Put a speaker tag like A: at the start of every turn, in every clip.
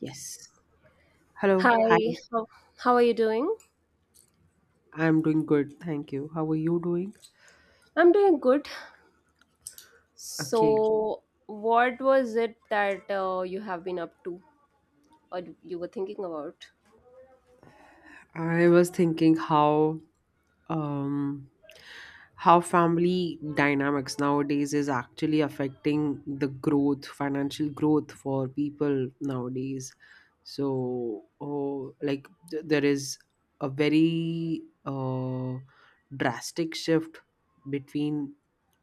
A: Yes. Hello,
B: Hi,
A: hi.
B: how are you doing?
A: I'm doing good, thank you. How are you doing?
B: I'm doing good.
A: Okay.
B: So, what was it that you have been up to or you were thinking about?
A: I was thinking um how family dynamics nowadays is actually affecting the growth, financial growth for people nowadays. So, oh, like there is a very uh drastic shift between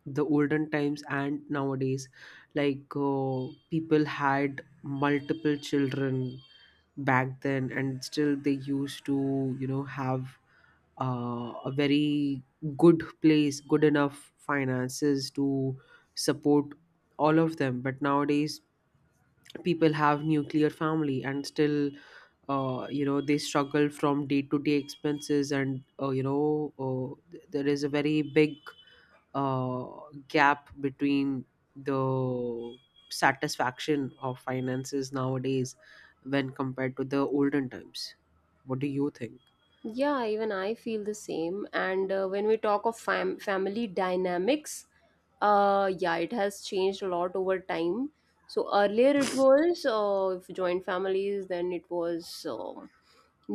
A: the olden times and nowadays, like people had multiple children back then, and still they used to, you know, have a very good place, good enough finances to support all of them, but nowadays people have nuclear family, and still you know, they struggle from day to day expenses, and you know, there is a very big uh, gap between the satisfaction of finances nowadays when compared to the olden times. What do you think?
B: Yeah, even I feel the same. And when we talk of family dynamics, yeah, it has changed a lot over time. So, earlier it was if joint families, then it was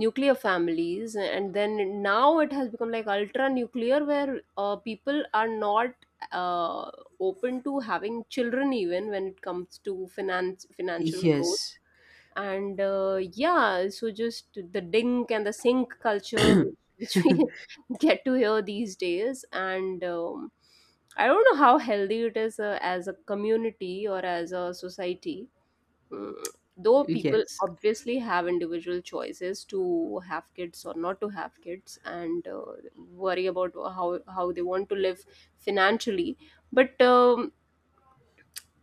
B: nuclear families and then now it has become like ultra nuclear where people are not uh, open to having children even when it comes to finance financial growth
A: Yes.
B: and yeah, so just the dink and the sink culture which we get to hear these days and I don't know how healthy it is as a community or as a society. Mm, though people
A: Yes.
B: obviously have individual choices to have kids or not to have kids and worry about how they want to live financially but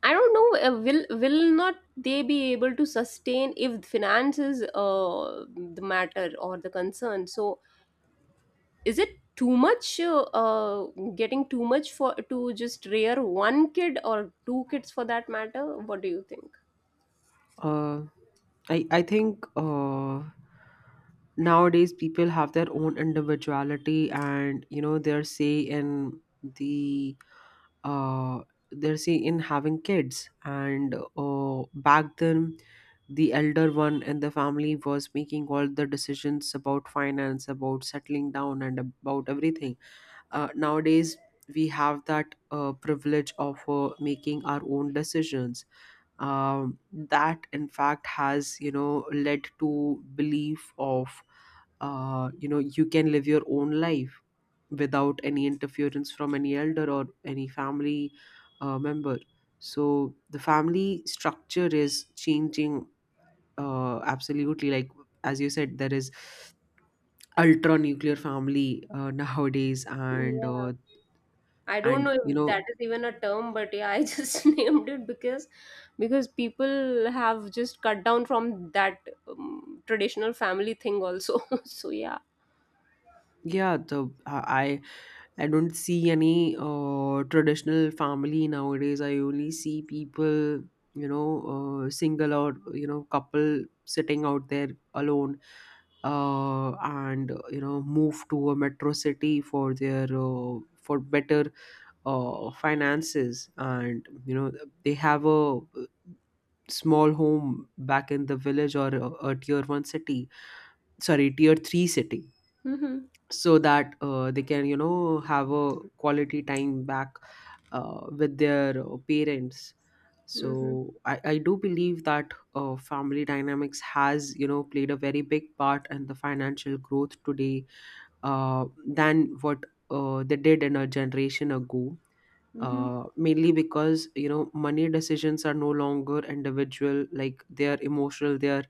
B: I don't know will not they be able to sustain if finance is the matter or the concern? So is it too much getting too much for to just rear one kid or two kids for that matter? What do you think?
A: Uh, I think, nowadays people have their own individuality, and you know, their say in the uh, they're see in having kids. And back then the elder one in the family was making all the decisions about finance, about settling down, and about everything. Nowadays we have that privilege of making our own decisions. Um, that in fact has, you know, led to belief of you know, you can live your own life without any interference from any elder or any family member. So the family structure is changing, absolutely. Like, as you said, there is ultra nuclear family nowadays,
B: Yeah, I don't
A: and
B: know
A: you
B: if
A: know,
B: that is even a term, but yeah, I just named it because people have just cut down from that traditional family thing also. So yeah.
A: yeah, the I don't see any traditional family nowadays. I only see people, you know, single, or you know, couple sitting out there alone, and you know, move to a metro city for their for better finances, and you know, they have a small home back in the village, or a tier one city. Sorry, tier three city,
B: Mm-hmm.
A: so that they can, you know, have a quality time back with their parents.
B: Mm-hmm.
A: So I do believe that family dynamics has, you know, played a very big part in the financial growth today, than what they did in a generation ago,
B: Mm-hmm.
A: mainly because, you know, money decisions are no longer individual, like they are emotional, they are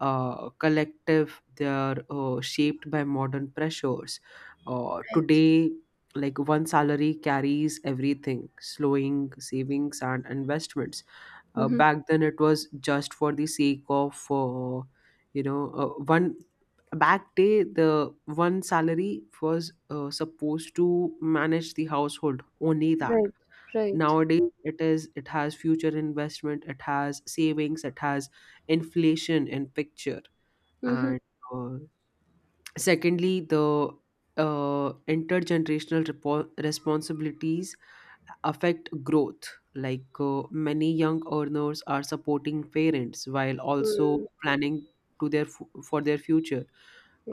A: collective, they are shaped by modern pressures
B: Right.
A: today. Like, one salary carries everything, slowing savings and investments.
B: Mm-hmm.
A: Back then, it was just for the sake of you know, one back day, the one salary was supposed to manage the household only. That
B: Right. Right.
A: nowadays, it is, it has future investment, it has savings, it has inflation in picture.
B: Mm-hmm.
A: And uh, secondly, the intergenerational responsibilities affect growth. Like, many young earners are supporting parents while also
B: Mm.
A: planning to their for their future.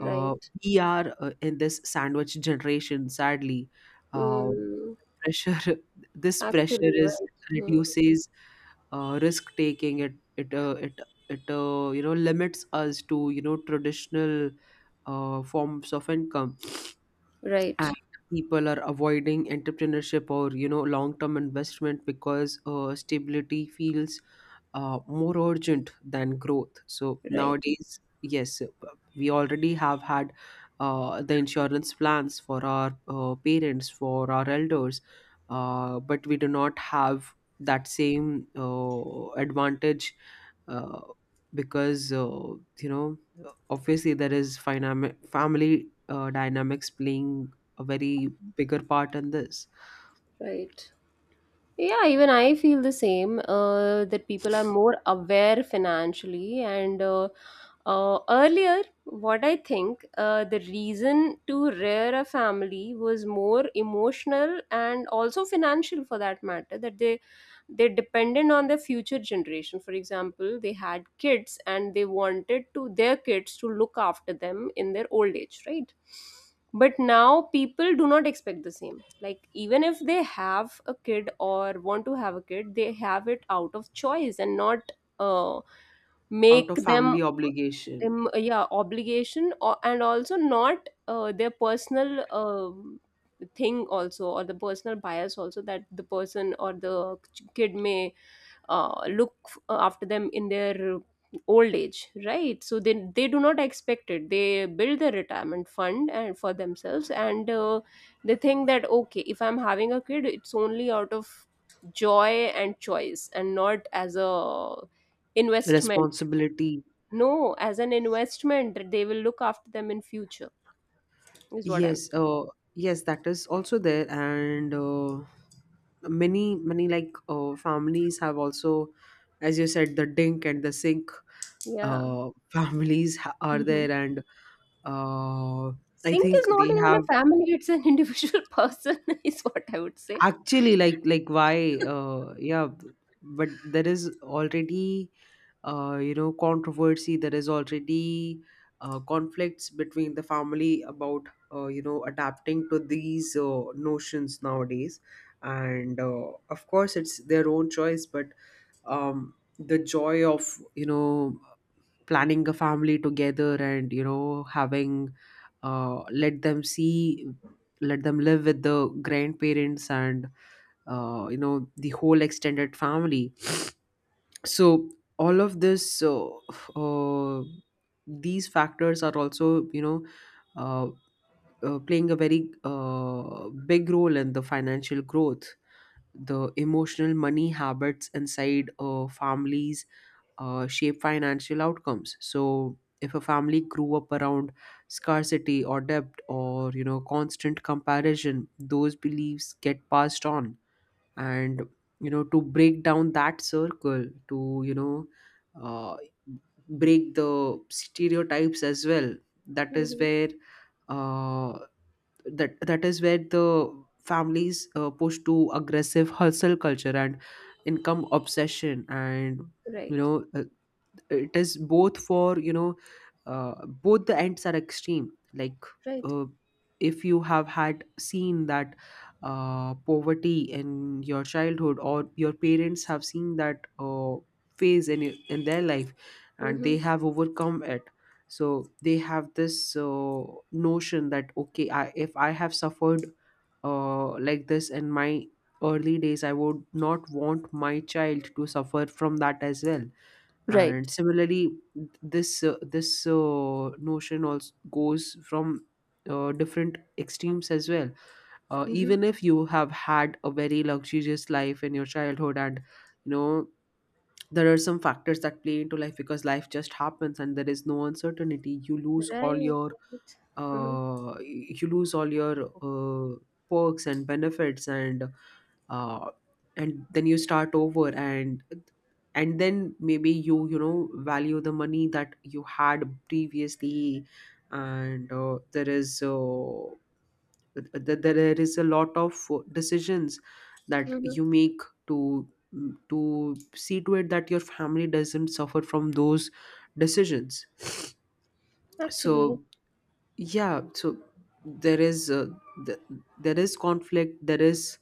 A: uh, we are in this sandwich generation, sadly. uh,
B: Mm.
A: Pressure, this pressure
B: Actually,
A: is
B: right. Mm.
A: reduces risk taking. It you know, limits us to, you know, traditional forms of income. And
B: Right.
A: people are avoiding entrepreneurship, or you know, long term investment, because stability feels more urgent than growth. So
B: Right.
A: nowadays, yes, we already have had the insurance plans for our parents, for our elders, but we do not have that same advantage, uh, because you know, obviously there is family dynamics playing a very bigger part in this.
B: Right. Yeah, even I feel the same that people are more aware financially. And earlier, what I think the reason to rear a family was more emotional and also financial for that matter, that they dependent on the future generation. For example, they had kids and they wanted to their kids to look after them in their old age, right? But now people do not expect the same, like even if they have a kid or want to have a kid they have it out of choice and not uh,
A: Out
B: make
A: of
B: them
A: family obligation.
B: yeah, obligation or, and also not their personal thing also or the personal bias also that the person or the kid may look after them in their old age, right? So they do not expect it, they build their retirement fund and for themselves and they think that okay, if I'm having a kid it's only out of joy and choice and not as a investment.
A: Responsibility.
B: No, as an investment that they will look after them in future is what I'm
A: Yes, yes, that is also there, and many many, like, families have also, as you said, the dink and the sink
B: saying. Yeah.
A: families are
B: Hmm.
A: there, and uh, I
B: Sink
A: think
B: is not
A: they
B: even a
A: have.
B: family, it's an individual person is what I would say.
A: Actually, like why? Yeah, but there is already you know, controversy. There is already conflicts between the family about you know, adapting to these notions nowadays. And of course, it's their own choice, but the joy of, you know, planning a family together, and you know, having let them see, let them live with the grandparents and you know, the whole extended family. So all of this uh, these factors are also, you know, uh, playing a very big role in the financial growth. The emotional money habits inside families shape financial outcomes. So if a family grew up around scarcity or debt or, you know, constant comparison, those beliefs get passed on. And you know, to break down that circle, to, you know, uh, break the stereotypes as well, that is
B: Mhm.
A: where uh, that is where the families push to aggressive hustle culture and income obsession. And you
B: Right.
A: know, it is both for, you know, both the ends are extreme. Like
B: Right.
A: uh, if you have had seen that poverty in your childhood, or your parents have seen that phase in in their life, and they
B: Mhm.
A: have overcome it, so they have this uh, notion that, okay, if I have suffered like this in my early days, I would not want my child to suffer from that as well.
B: Right.
A: And similarly, this notion also goes from different extremes as well.
B: Mhm.
A: Even if you have had a very luxurious life in your childhood, and you know, there are some factors that play into life, because life just happens, and there is no uncertainty, you lose all
B: Right.
A: your
B: Right. Mhm.
A: uh, you lose all your uh, perks and benefits, uh, and then you start over, and then maybe you, you know, value the money that you had previously. And there is there is a lot of decisions that
B: Mhm.
A: you make to, to see to it that your family doesn't suffer from those decisions.
B: Actually.
A: So yeah, so there is th- there is conflict, there is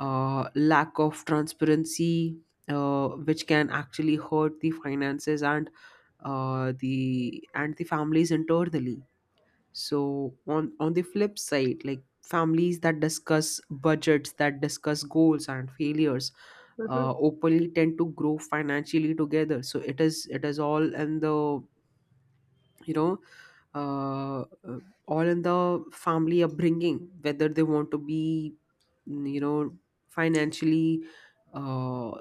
A: lack of transparency, which can actually hurt the finances, and the, and the families internally. So on the flip side, like families that discuss budgets, that discuss goals and failures
B: Mhm.
A: openly, tend to grow financially together. So it is, it is all in the, you know, uh, uh, all in the family upbringing, whether they want to be, you know, financially uh,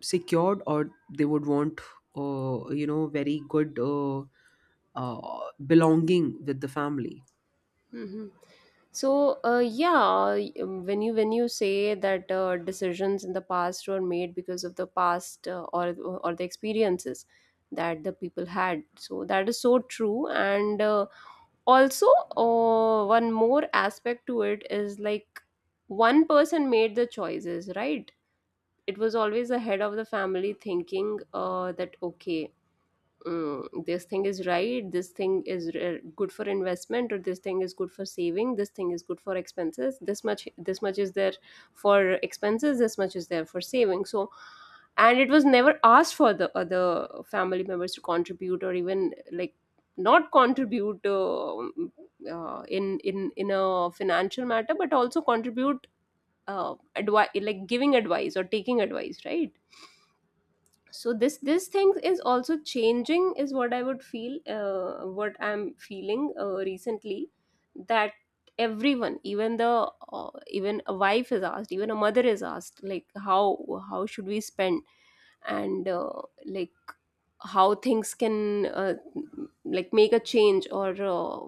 A: secured, or they would want you know, very good belonging with the family.
B: Mhm. So, yeah, when you say that decisions in the past were made because of the past or the experiences that the people had, so that is so true. And also, one more aspect to it is like one person made the choices, right? It was always the head of the family thinking that okay this thing is right, this thing is good for investment or this thing is good for saving, this thing is good for expenses, this much is there for expenses, this much is there for saving. So and it was never asked for the other family members to contribute or even like not contribute in in a financial matter but also contribute like giving advice or taking advice, right? So this thing is also changing is what I would feel, what I'm feeling recently, that everyone, even the even a wife is asked, even a mother is asked, like how should we spend and like how things can like make a change or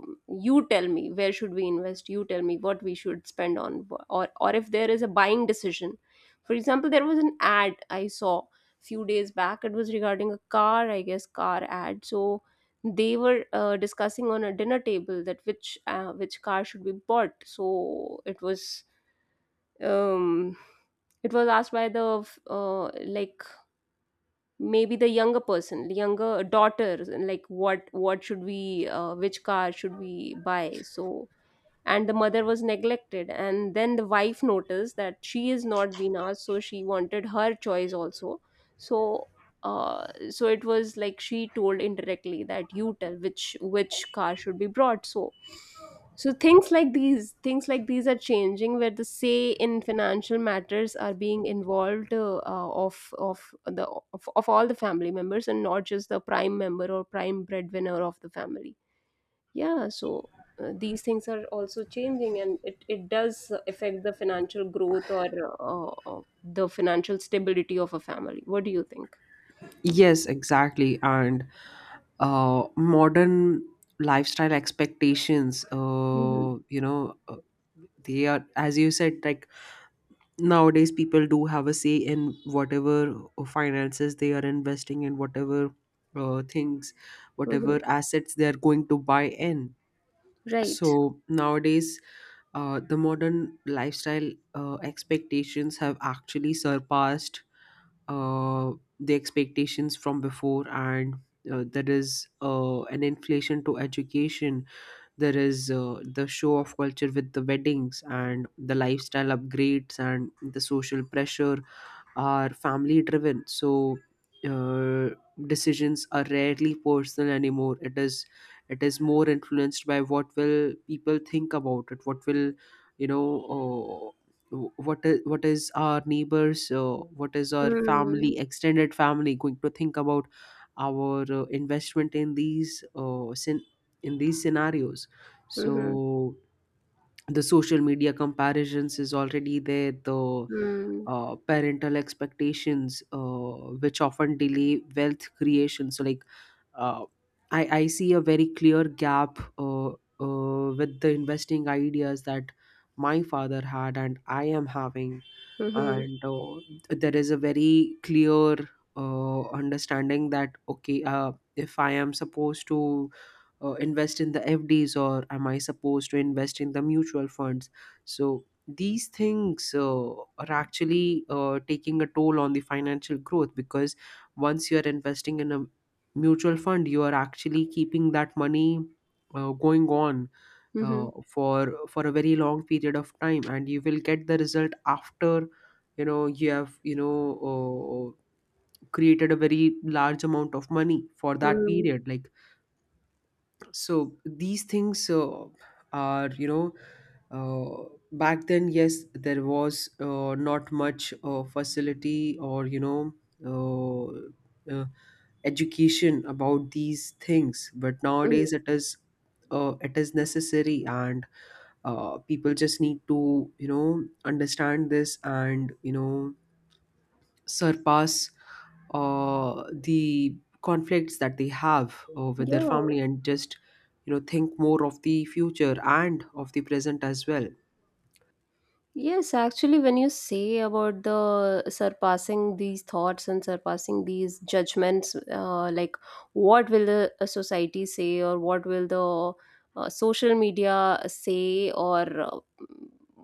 B: you tell me where should we invest, you tell me what we should spend on, or if there is a buying decision. For example, there was an ad I saw few days back, it was regarding a car, I guess, car ad. So they were discussing on a dinner table that which car should be bought. So um it was asked by the uh, like maybe the younger person, the younger daughter, like what should we which car should we buy. So and the mother was neglected and then the wife noticed that she is not being asked, so she wanted her choice also. So so it was like she told indirectly that you tell which car should be brought. So so things like these, things like these are changing where the say in financial matters are being involved of the of all the family members and not just the prime member or prime breadwinner of the family. Yeah, so these things are also changing and it does affect the financial growth or the financial stability of a family. What do you think?
A: Yes, exactly. And modern lifestyle expectations,
B: Hmm.
A: you know, they are, as you said, like, nowadays people do have a say in whatever finances they are investing in, whatever things,
B: Hmm.
A: whatever assets they are going to buy in.
B: Right.
A: So nowadays the modern lifestyle expectations have actually surpassed uh, the expectations from before. And there is an inflation to education, there is the show of culture with the weddings and the lifestyle upgrades, and the social pressure are family driven. So uh, decisions are rarely personal anymore. It is, it is more influenced by what will people think about it, what will, you know, what is what is our neighbors what is our
B: Mm-hmm.
A: family, extended family going to think about our investment in these in these scenarios.
B: Mm-hmm.
A: So the social media comparisons is already there, the
B: Mm-hmm.
A: parental expectations, which often delay wealth creation. So, like uh, I see a very clear gap with the investing ideas that my father had and I am having.
B: Mm-hmm.
A: And there is a very clear understanding that, okay, if I am supposed to invest in the FDs, or am I supposed to invest in the mutual funds? So these things are actually taking a toll on the financial growth, because once you are investing in a mutual fund, you are actually keeping that money going on for a very long period of time, and you will get the result after, you know, you have, you know, uh, created a very large amount of money for that
B: Mm-hmm.
A: period. Like, so these things are, you know, back then, yes, there was not much facility, or you know, uh, uh, education about these things, but nowadays it is necessary. And people just need to, you know, understand this, and you know, surpass the conflicts that they have with their
B: Yeah.
A: family, and just, you know, think more of the future and of the present as well.
B: Yes, actually, when you say about the surpassing these thoughts and surpassing these judgments, like what will the a society say, or what will the social media say, or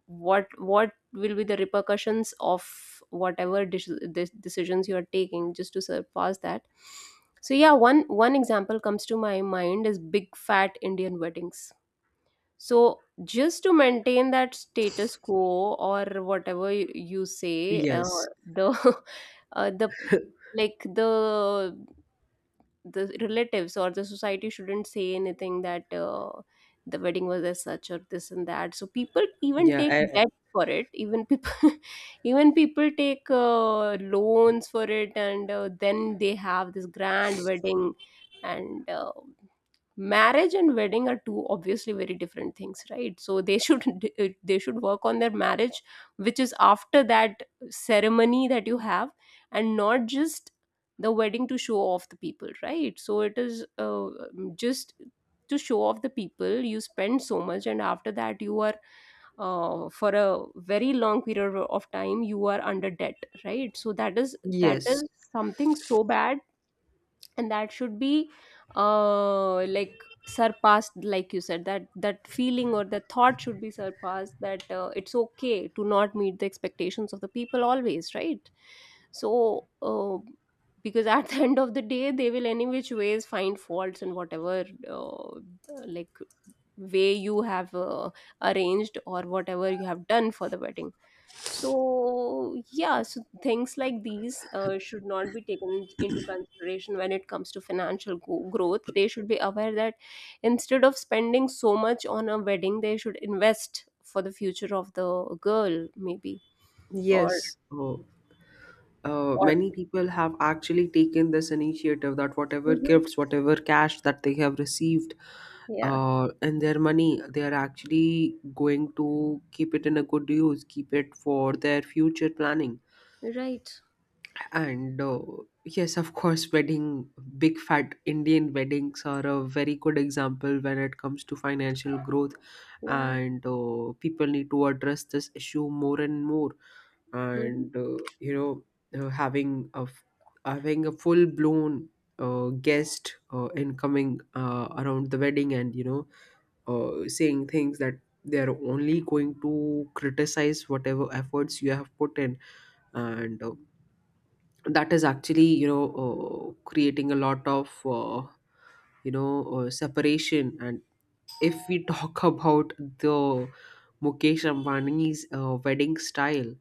B: what will be the repercussions of whatever decisions you are taking, just to surpass that. So yeah, one one example comes to my mind is big fat Indian weddings. So, just to maintain that status quo or whatever you say,
A: Yes.
B: the the like the relatives or the society shouldn't say anything that the wedding was as such or this and that. So people even
A: Yeah,
B: take debt for it. Even people even people take loans for it, and then they have this grand wedding, and. Marriage and wedding are two obviously very different things, right? So they should they should work on their marriage which is after that ceremony that you have, and not just the wedding to show off the people, right? So it is just to show off the people you spend so much and after that you are for a very long period of time you are under debt, right? So that
A: yes.
B: is something so bad and that should be like surpassed, like you said, that that feeling or the thought should be surpassed, that it's okay to not meet the expectations of the people always, right? So because at the end of the day they will any which ways find faults in whatever like way you have arranged or whatever you have done for the wedding. So yeah, so things like these should not be taken into consideration when it comes to growth. They should be aware that instead of spending so much on a wedding, they should invest for the future of the girl, maybe. or
A: Yes. Oh,
B: or
A: many people have actually taken this initiative, that whatever
B: Mhm.
A: gifts, whatever cash that they have received,
B: Yeah,
A: and their money, they are actually going to keep it in a good use, keep it for their future planning.
B: right,
A: And yes, of course, wedding, big fat Indian weddings are a very good example when it comes to financial growth.
B: yeah.
A: And people need to address this issue more and more.
B: Mhm.
A: And, uh, you know, having having a full blown guest incoming around the wedding and saying things that they're only going to criticize whatever efforts you have put in. And That is actually creating a lot of separation. And if we talk about the Mukesh Ambani's wedding style,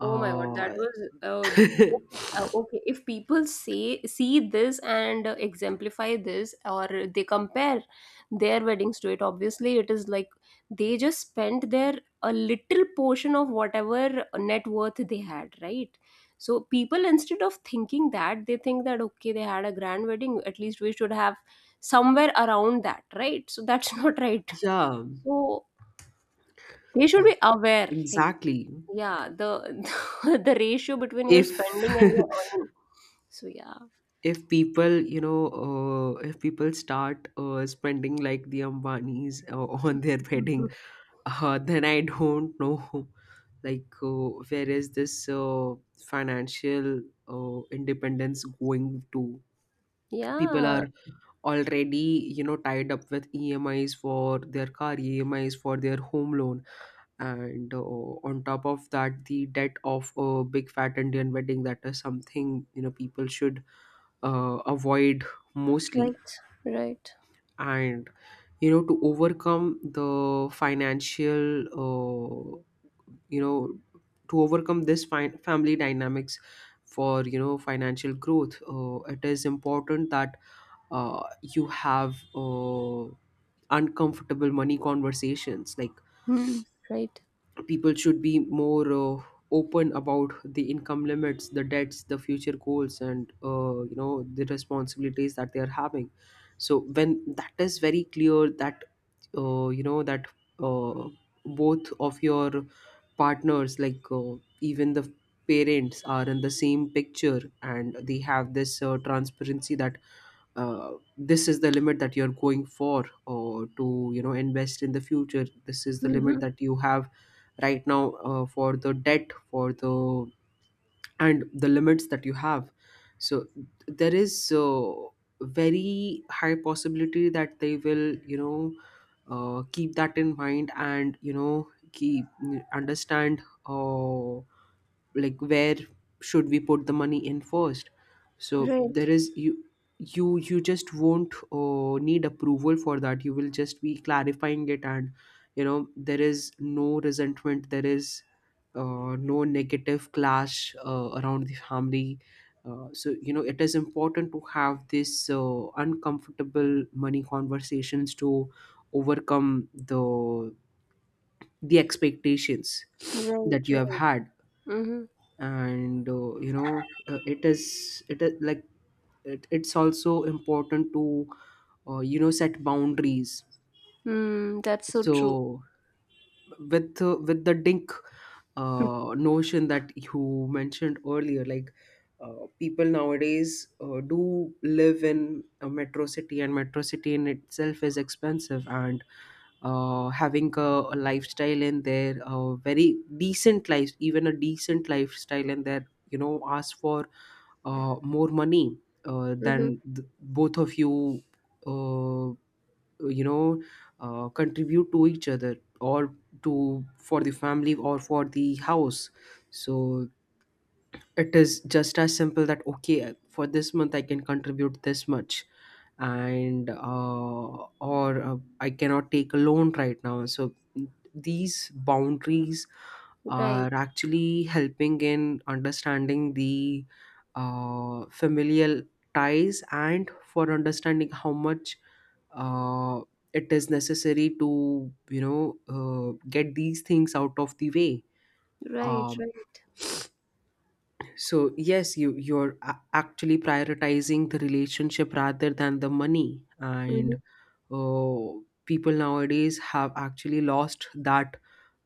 B: Oh my God, that was okay. Okay, if people say see this and exemplify this, or they compare their weddings to it, obviously it is like they just spent their a little portion of whatever net worth they had, right? So people instead of thinking that, they think that okay, they had a grand wedding. At least we should have somewhere around that, right? So that's not right.
A: yeah,
B: So they should be aware, like
A: exactly.
B: yeah, the the ratio between your
A: if
B: spending and your earning. So yeah.
A: if people you know if people start spending like the Ambanis on their wedding,
B: Mhm.
A: then I don't know like where is this financial independence going. To people
B: Yeah,
A: are already tied up with EMIs for their car, EMIs for their home loan, and on top of that, the debt of a big fat Indian wedding. That is something people should avoid, mostly.
B: right, right.
A: And to overcome the financial, you know to overcome this family dynamics for financial growth, it is important that you have uncomfortable money conversations. Like,
B: Hmm. Right.
A: people should be more open about the income limits, the debts, the future goals, and the responsibilities that they are having. So when that is very clear that uh, you know that uh, both of your partners, like even the parents, are in the same picture, and they have this transparency that uh, this is the limit that you're going for, or to invest in the future, this is the limit
B: Hmm.
A: that you have right now for the debt, for the and the limits that you have. So there is very high possibility that they will keep that in mind and keep understand, like where should we put the money in first. so there
B: Right,
A: is you you you just won't need approval for that. You will just be clarifying it. And there is no resentment, there is no negative clash around the family. So it is important to have this uncomfortable money conversations to overcome the expectations
B: right,
A: that you have
B: right.
A: had.
B: Mm-hmm.
A: And you know It is it is like it's also important to set boundaries.
B: Mm, that's so true.
A: So with the DINK notion that you mentioned earlier, like, people nowadays do live in a metro city, and metro city in itself is expensive. And having a lifestyle in there, a very decent life, even a decent lifestyle in there, ask for more money uh,
B: Mm-hmm.
A: than th- both of you uh, you know contribute to each other, or to for the family or for the house. So it is just as simple that okay, for this month I can contribute this much, and or I cannot take a loan right now. So these boundaries
B: Right,
A: are actually helping in understanding the familial ties, and for understanding how much uh, it is necessary to get these things out of the way.
B: right,
A: um,
B: right.
A: so yes, you're actually prioritizing the relationship rather than the money.
B: Mm-hmm.
A: And uh, People nowadays have actually lost that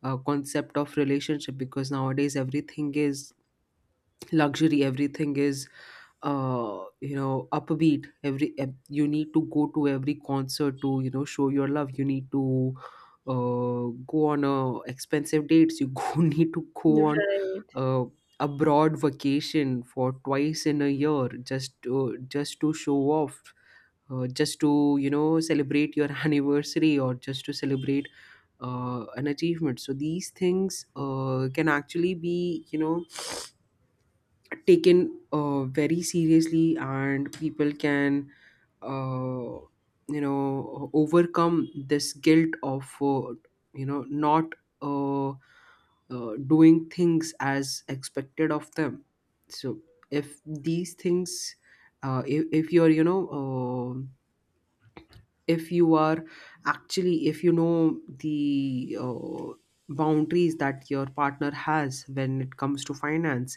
A: concept of relationship, because nowadays everything is luxury, everything is upbeat. You need to go to every concert to show your love. You need to go on expensive dates. You go need to go on
B: Right.
A: uh, abroad vacation for twice in a year, just to show off, just to celebrate your anniversary, or just to celebrate an achievement. So these things can actually be taken very seriously, and people can uh, overcome this guilt of not uh, doing things as expected of them. So if these things, if you're if you are actually, if you know the boundaries that your partner has when it comes to finance,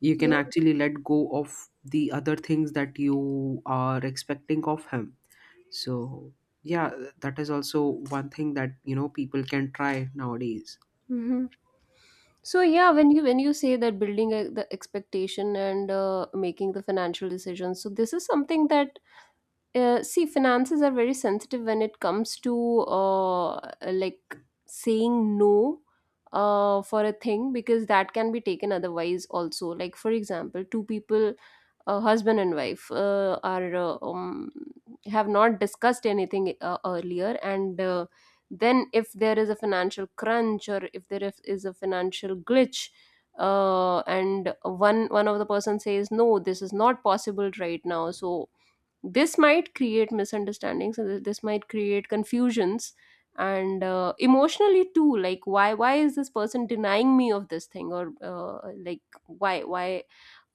A: you can
B: Yeah.
A: actually let go of the other things that you are expecting of him. So yeah, that is also one thing that people can try nowadays.
B: Mm-hmm. So yeah, when you say that building the expectation and making the financial decisions, so this is something that see finances are very sensitive when it comes to like saying no for a thing because that can be taken otherwise also. Like for example two people, husband and wife are have not discussed anything earlier and then if there is a financial crunch or if there is a financial glitch and one one of the person says no, this is not possible right now. So this might create misunderstandings and this might create confusions and emotionally too, like why is this person denying me of this thing or like why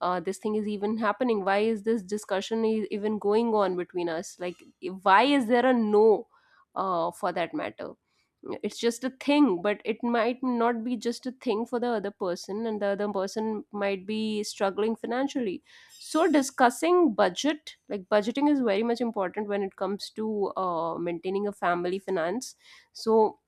B: this thing is even happening, why is this discussion even going on between us, like why is there a no for that matter? It's just a thing, but it might not be just a thing for the other person and the other person might be struggling financially. So discussing budget, like budgeting is very much important when it comes to maintaining a family finance. So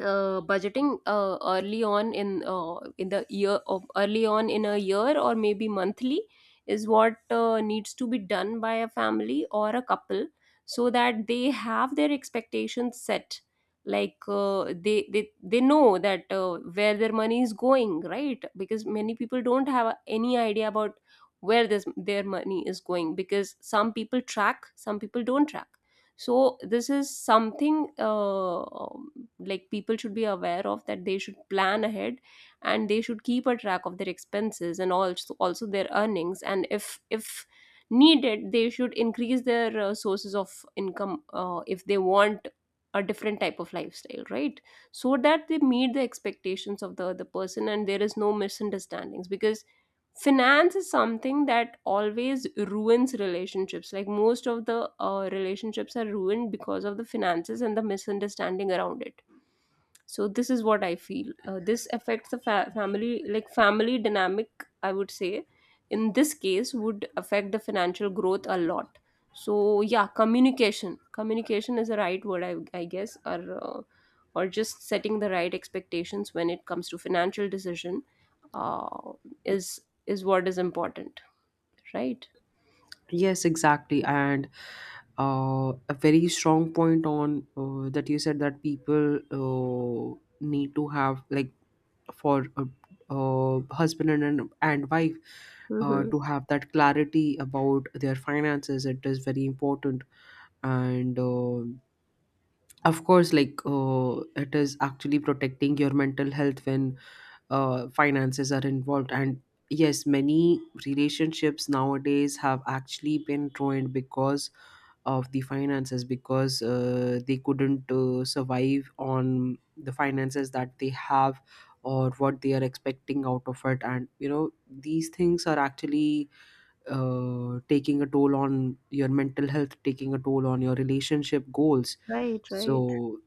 B: budgeting early on in the year of early on in a year or maybe monthly is what needs to be done by a family or a couple, so that they have their expectations set, like they know that where their money is going, right? Because many people don't have any idea about where this their money is going because some people track, some people don't track. So this is something like people should be aware of that, they should plan ahead and they should keep a track of their expenses and also their earnings and if needed they should increase their sources of income if they want a different type of lifestyle, right? So that they meet the expectations of the other person and there is no misunderstandings, because finance is something that always ruins relationships, like most of the relationships are ruined because of the finances and the misunderstanding around it. So this is what I feel, this affects the family, like family dynamic I would say in this case would affect the financial growth a lot. So yeah, communication is the right word, I guess, uh, or just setting the right expectations when it comes to financial decision uh, is is what is important, right?
A: Yes, exactly. And a very strong point on that you said, that people need to have, like, for a, husband and wife
B: Mm-hmm.
A: to have that clarity about their finances, it is very important. And Of course, like, it is actually protecting your mental health when finances are involved. And yes, many relationships nowadays have actually been ruined because of the finances, because they couldn't survive on the finances that they have, or what they are expecting out of it. And these things are actually taking a toll on your mental health, taking a toll on your relationship goals.
B: Right, right.
A: So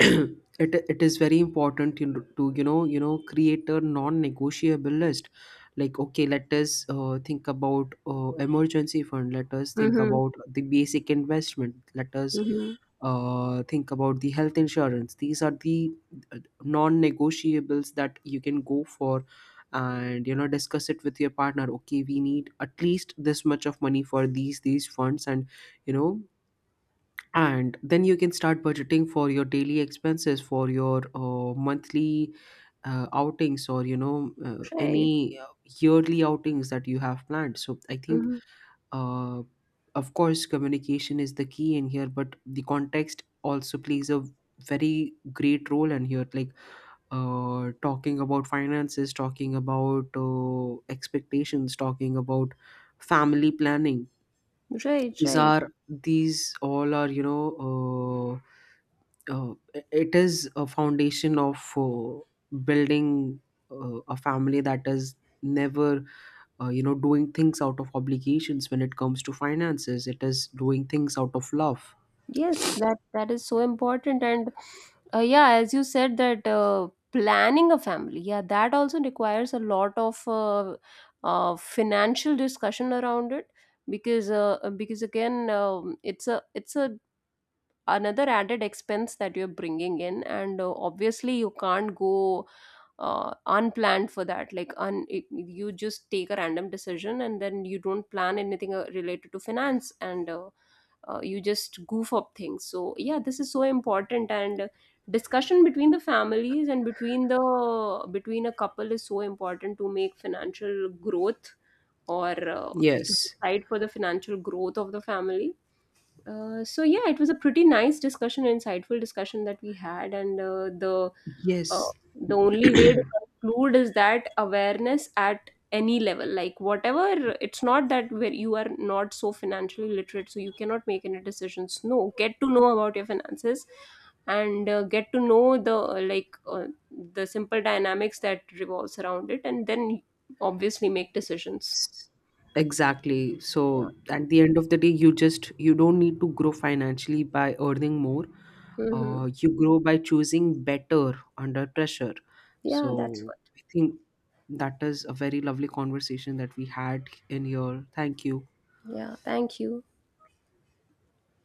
A: it is very important, you know, to create a non-negotiable list. Like, okay, let us think about emergency fund, let us think
B: Mm-hmm.
A: about the basic investment, let us
B: Mm-hmm.
A: think about the health insurance. These are the uh, non-negotiables that you can go for. And discuss it with your partner, okay, we need at least this much of money for these funds. You know and then you can start budgeting for your daily expenses, for your monthly outings, or
B: Right.
A: any yearly outings that you have planned. So I think
B: Mm-hmm.
A: uh, of course communication is the key in here, but the context also plays a very great role in here. Like, talking about finances, talking about expectations, talking about family planning,
B: Right,
A: these
B: right.
A: are these all are, it is a foundation of building a family that is never doing things out of obligations. When it comes to finances, it is doing things out of love.
B: Yes, that that is so important, and yeah, as you said that planning a family, yeah, that also requires a lot of financial discussion around it because again it's a another added expense that you're bringing in and obviously you can't go unplanned for that, like you just take a random decision and then you don't plan anything related to finance and you just goof up things. So yeah, this is so important and discussion between the families and between the between a couple is so important to make financial growth or to
A: Yes,
B: decide for the financial growth of the family. So yeah, it was a pretty nice discussion, insightful discussion that we had, and uh,
A: yes,
B: the only way to conclude is that awareness at any level, like whatever, it's not that where you are not so financially literate, so you cannot make any decisions. No, get to know about your finances, and get to know the like the simple dynamics that revolves around it, and then obviously make decisions.
A: exactly. So
B: Yeah.
A: at the end of the day, you don't need to grow financially by earning more.
B: Hmm.
A: You grow by choosing better under pressure.
B: Yeah, that's
A: So
B: what.
A: I think that is a very lovely conversation that we had in here. Thank you.
B: Yeah. Thank you.